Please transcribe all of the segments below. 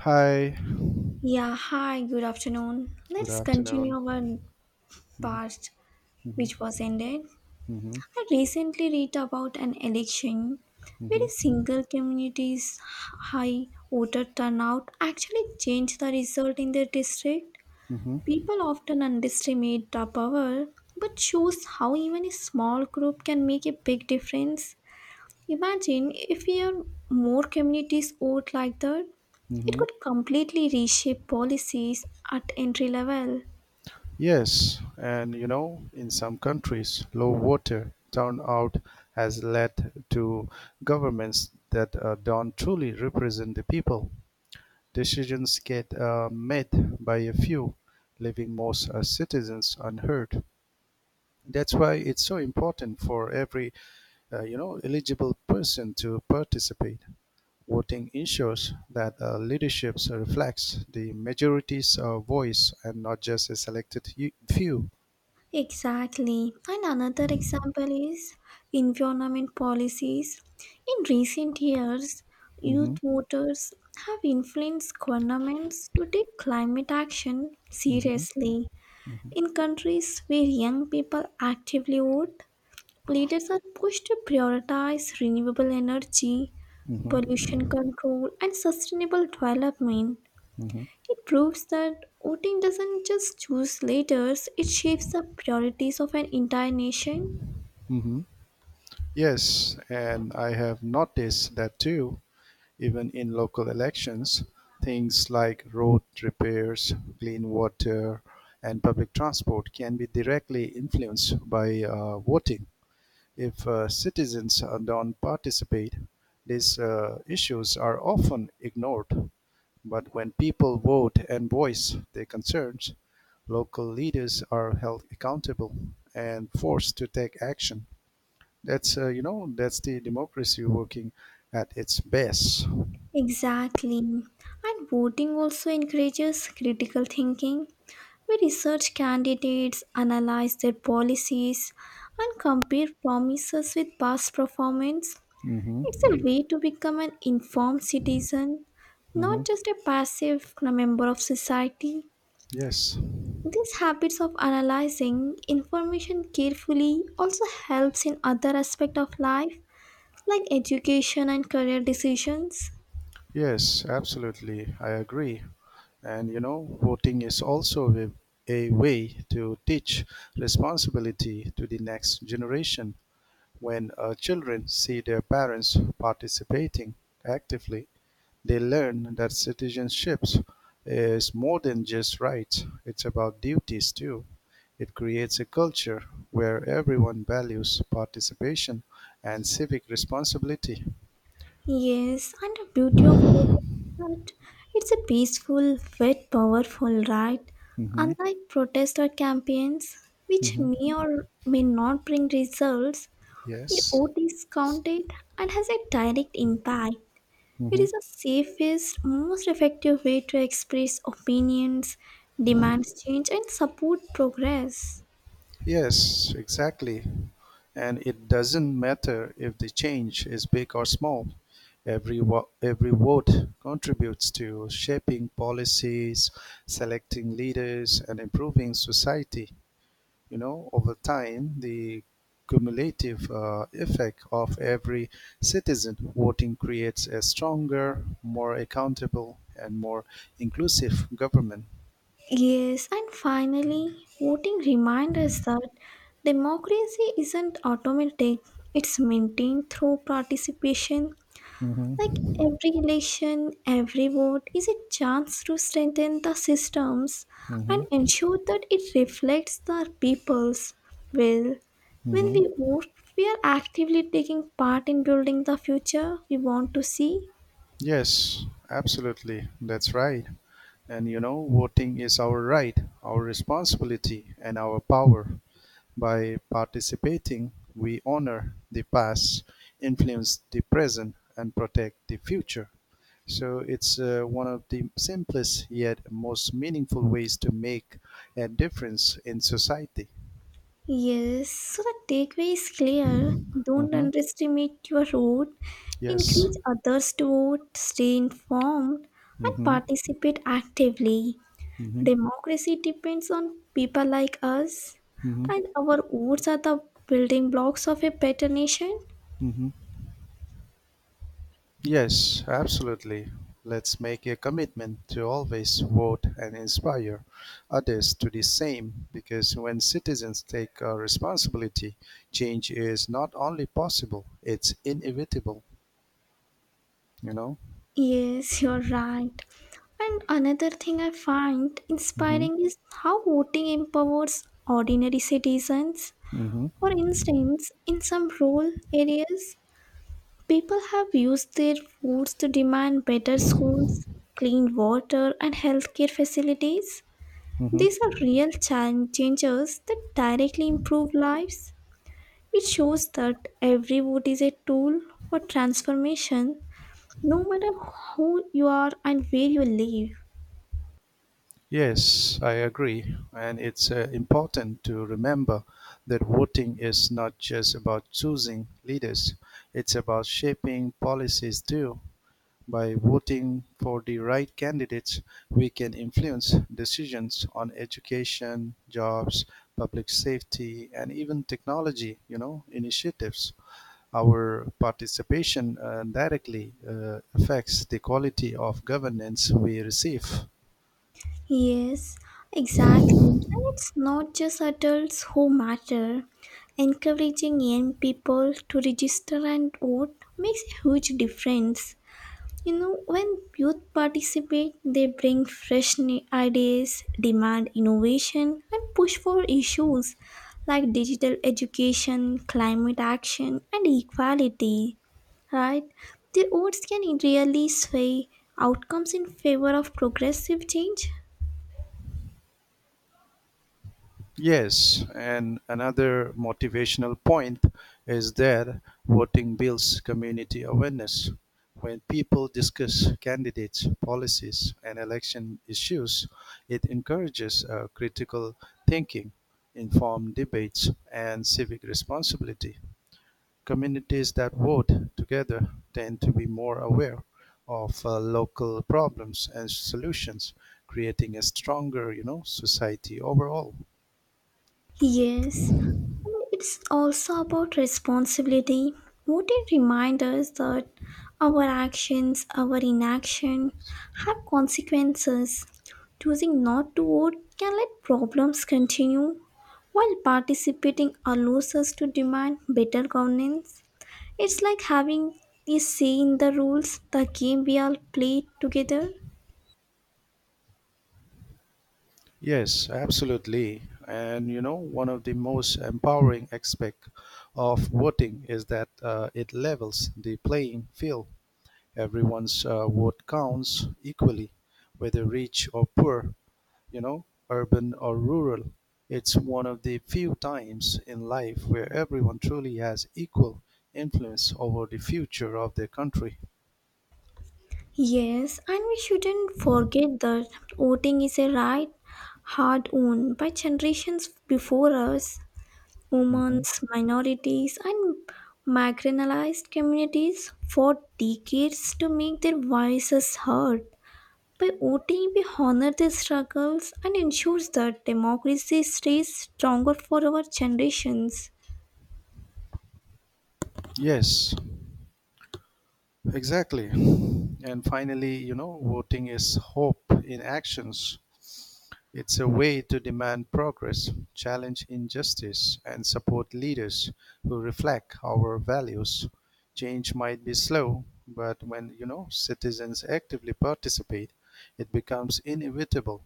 Hi, Yeah, hi, good afternoon. good Let's continue afternoon. our Mhm. part Mhm. which was ended. Mhm. I recently read about an election where a Mhm. single community's high voter turnout actually changed the result in their district. Mhm. People often underestimate the power, but shows how even a small group can make a big difference. Imagine if we have more communities vote like that, it Mhm. could completely reshape policies at entry level. Yes, and you know, in some countries, low water turnout has led to governments that don't truly represent the people. Decisions get made by a few, leaving most citizens unheard. That's why it's so important for every eligible person to participate. Voting ensures that the leadership reflects the majority's voice and not just a selected few. Exactly. And another example is environment policies. In recent years, Hmm. youth voters have influenced governments to take climate action Hmm. seriously. In countries where young people actively vote, leaders are pushed to prioritize renewable energy, Hmm. pollution control, and sustainable development. Hmm. It proves that voting doesn't just choose leaders, it shapes the priorities of an entire nation. Hmm. Yes, and I have noticed that too, even in local elections, things like road repairs, clean water, and public transport can be directly influenced by voting. If citizens don't participate, these issues are often ignored, but when people vote and voice their concerns, local leaders are held accountable and forced to take action. That's you know that's the democracy working at its best. Exactly. And voting also encourages critical thinking, where research candidates analyze their policies and compare promises with past performance. Hmm. It's a way to become an informed citizen, Hmm. not just a passive member of society. Yes, These habits of analyzing information carefully also helps in other aspects of life like education and career decisions. yes, absolutely. I agree. And voting is also a way to teach responsibility to the next generation. When children see their parents participating actively, they learn that citizenship is more than just rights, it's about duties too. It creates a culture where everyone values participation and civic responsibility. Yes, and the beauty of it is that it's a peaceful, yet powerful right, Hmm. unlike protest or campaigns, which Hmm. may or may not bring results. The Yes. oat is counted and has a direct impact. It Hmm. is the safest, most effective way to express opinions, demand change, and support progress. Yes, exactly. And it doesn't matter if the change is big or small. Every vote contributes to shaping policies, selecting leaders, and improving society. Over time, the cumulative effect of every citizen voting creates a stronger, more accountable, and more inclusive government. Yes, and finally, voting reminds us that democracy isn't automatic, it's maintained through participation. Like Hmm. every election, every vote is a chance to strengthen the systems Hmm. and ensure that it reflects the people's will. When Hmm. we vote, we are actively taking part in building the future we want to see. Yes, absolutely. That's right. And voting is our right, our responsibility, and our power. By participating, we honor the past, influence the present, and protect the future. So it's one of the simplest yet most meaningful ways to make a difference in society. Yes, so the takeaway is clear. Don't Mm-hmm. underestimate your vote. Yes. Encourage others to vote, stay informed, and Mm-hmm. participate actively. Mm-hmm. Democracy depends on people like us, Mm-hmm. and our votes are the building blocks of a better nation. Mm-hmm. Yes, absolutely. Let's make a commitment to always vote and inspire others to the same because when citizens take responsibility, change is not only possible, it's inevitable, you know? Yes, you're right. And another thing I find Hmm. inspiring is how voting empowers ordinary citizens. Hmm. For instance, in some rural areas, people have used their votes to demand better schools, clean water, and healthcare facilities. Hmm. These are real changes that directly improve lives. It shows that every vote is a tool for transformation, no matter who you are and where you live. Yes, I agree. And it's important to remember that voting is not just about choosing leaders, it's about shaping policies too. By voting for the right candidates, we can influence decisions on education, jobs, public safety, and even technology initiatives. Our participation directly affects the quality of governance we receive. Yes, exactly. And it's not just adults who matter. Encouraging young people to register and vote makes a huge difference. You know, when youth participate, they bring fresh ideas, demand innovation, and push for issues like digital education, climate action, and equality. Right? Their votes can really sway outcomes in favor of progressive change. Yes, and another motivational point is that voting builds community awareness. When people discuss candidates, policies, and election issues, it encourages critical thinking, informed debates, and civic responsibility. Communities that vote together tend to be more aware of local problems and solutions, creating a stronger society overall. Yes, it's also about responsibility. What it reminds us that our actions, our inaction have consequences. Choosing not to vote can let problems continue, while participating allows us to demand better governance. It's like having a say in the rules, the game we all play together. Yes, absolutely. And one of the most empowering aspect of voting is that it levels the playing field. Everyone's vote counts equally, whether rich or poor, urban or rural. It's one of the few times in life where everyone truly has equal influence over the future of their country. Yes, and we shouldn't forget that voting is a right hard won by generations before us. Women, Mhm. minorities, and marginalized communities fought decades to make their voices heard. By voting, we honor their struggles and ensures that democracy stays stronger for our generations. Yes, exactly. And finally, voting is hope in actions. It's a way to demand progress, challenge injustice, and support leaders who reflect our values. Change might be slow, but when citizens actively participate, it becomes inevitable.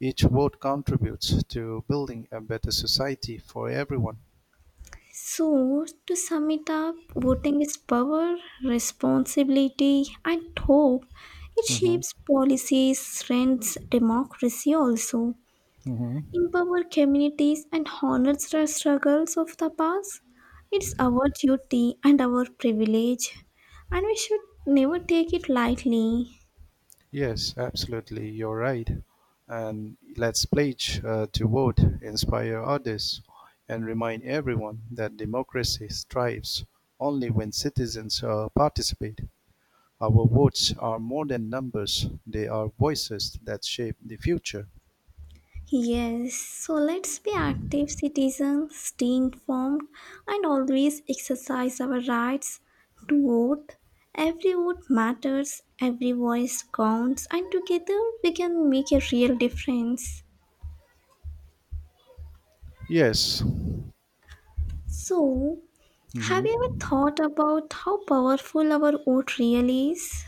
Each vote contributes to building a better society for everyone. So, to sum it up, voting is power, responsibility, and hope. It Hmm. shapes policies, strengthens democracy, also Hmm. empowers communities, and honors the struggles of the past. It's our duty and our privilege, and we should never take it lightly. Yes, absolutely, you're right. And let's pledge to vote, inspire others, and remind everyone that democracy thrives only when citizens participate. Our votes are more than numbers, they are voices that shape the future. Yes, so let's be active citizens, stay informed, and always exercise our rights to vote. Every vote matters, every voice counts, and together we can make a real difference. Yes. So, have you ever Mhm. thought about how powerful our vote really is?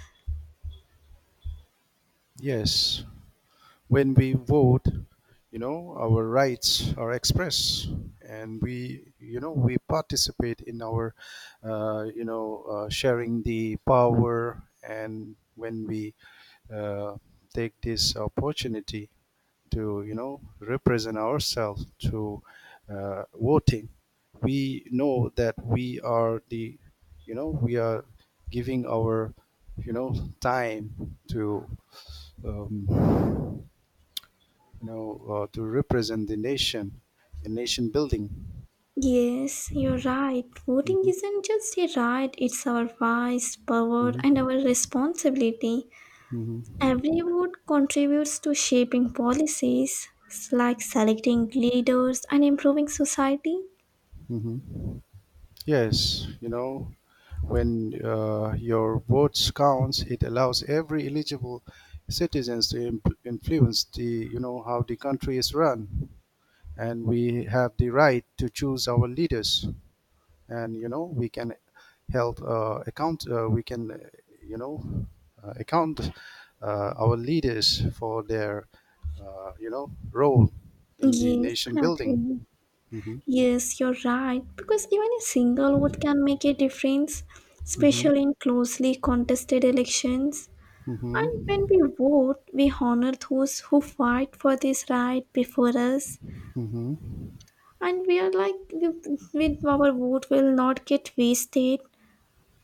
Yes. When we vote, our rights are expressed, and we participate in our sharing the power. And when we uh, take this opportunity to represent ourselves through voting, we know that we are giving our, you know, time to. Um, to represent the nation in nation building. Yes, you're right. Voting Hmm. isn't just a right, it's our voice, power, and Hmm. our responsibility. Hmm. Every vote contributes to shaping policies, it's like selecting leaders and improving society. Hmm. Yes, when your votes counts, it allows every eligible citizens to influence how the country is run, and we have the right to choose our leaders. And we can help account we can you know account our leaders for their role in the Yes, nation I building. agree. Hmm. Yes, you're right, because even a single vote can make a difference, Hmm. especially in closely contested elections. And when Hmm. we vote, we honor those who fight for this right before us. Hmm. And we are like, with our vote will not get wasted.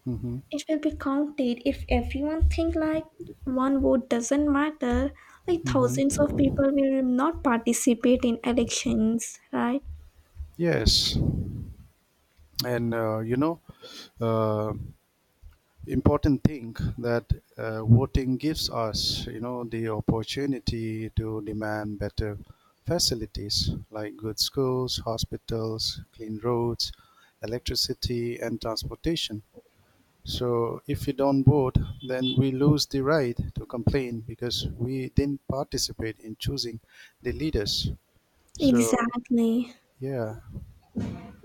Hmm. It will be counted. If everyone think like one vote doesn't matter, like Hmm. thousands of people will not participate in elections, right? Yes, and uh, important thing that voting gives us the opportunity to demand better facilities like good schools, hospitals, clean roads, electricity, and transportation. So if we don't vote, then we lose the right to complain because we didn't participate in choosing the leaders. So Exactly. yeah.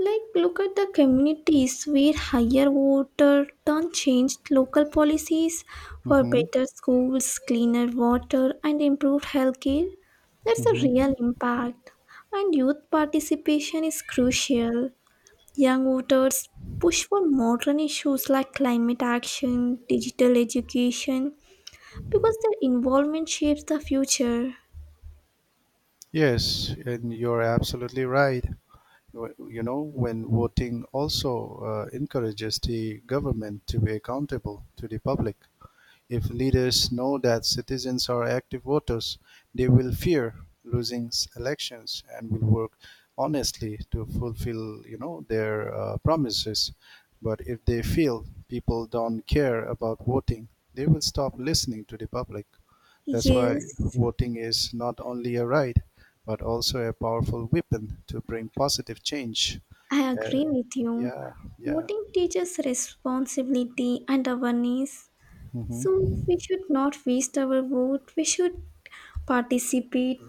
Like look at the communities where higher voter turn changed local policies for Hmm. better schools, cleaner water, and improved healthcare. That's a Hmm. real impact. And youth participation is crucial. Young voters push for modern issues like climate action, digital education, because their involvement shapes the future. Yes, and you're absolutely right. When voting also encourages the government to be accountable to the public. If leaders know that citizens are active voters, they will fear losing elections and will work honestly to fulfill their promises. But if they feel people don't care about voting, they will stop listening to the public. That's why Yes, voting is not only a right, but also a powerful weapon to bring positive change. I Uh, agree with you. yeah, yeah. Voting teaches responsibility and awareness. Hmm. So we should not waste our vote. We should participate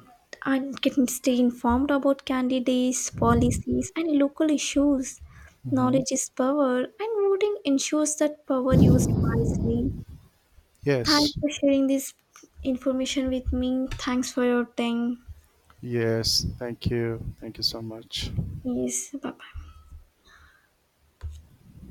and can stay informed about candidates, policies, and local issues. Hmm. Knowledge is power, and voting ensures that power used wisely. Yes. Thanks for sharing this information with me. Thanks for your time. Yes, thank you. Thank you so much. Yes, bye bye.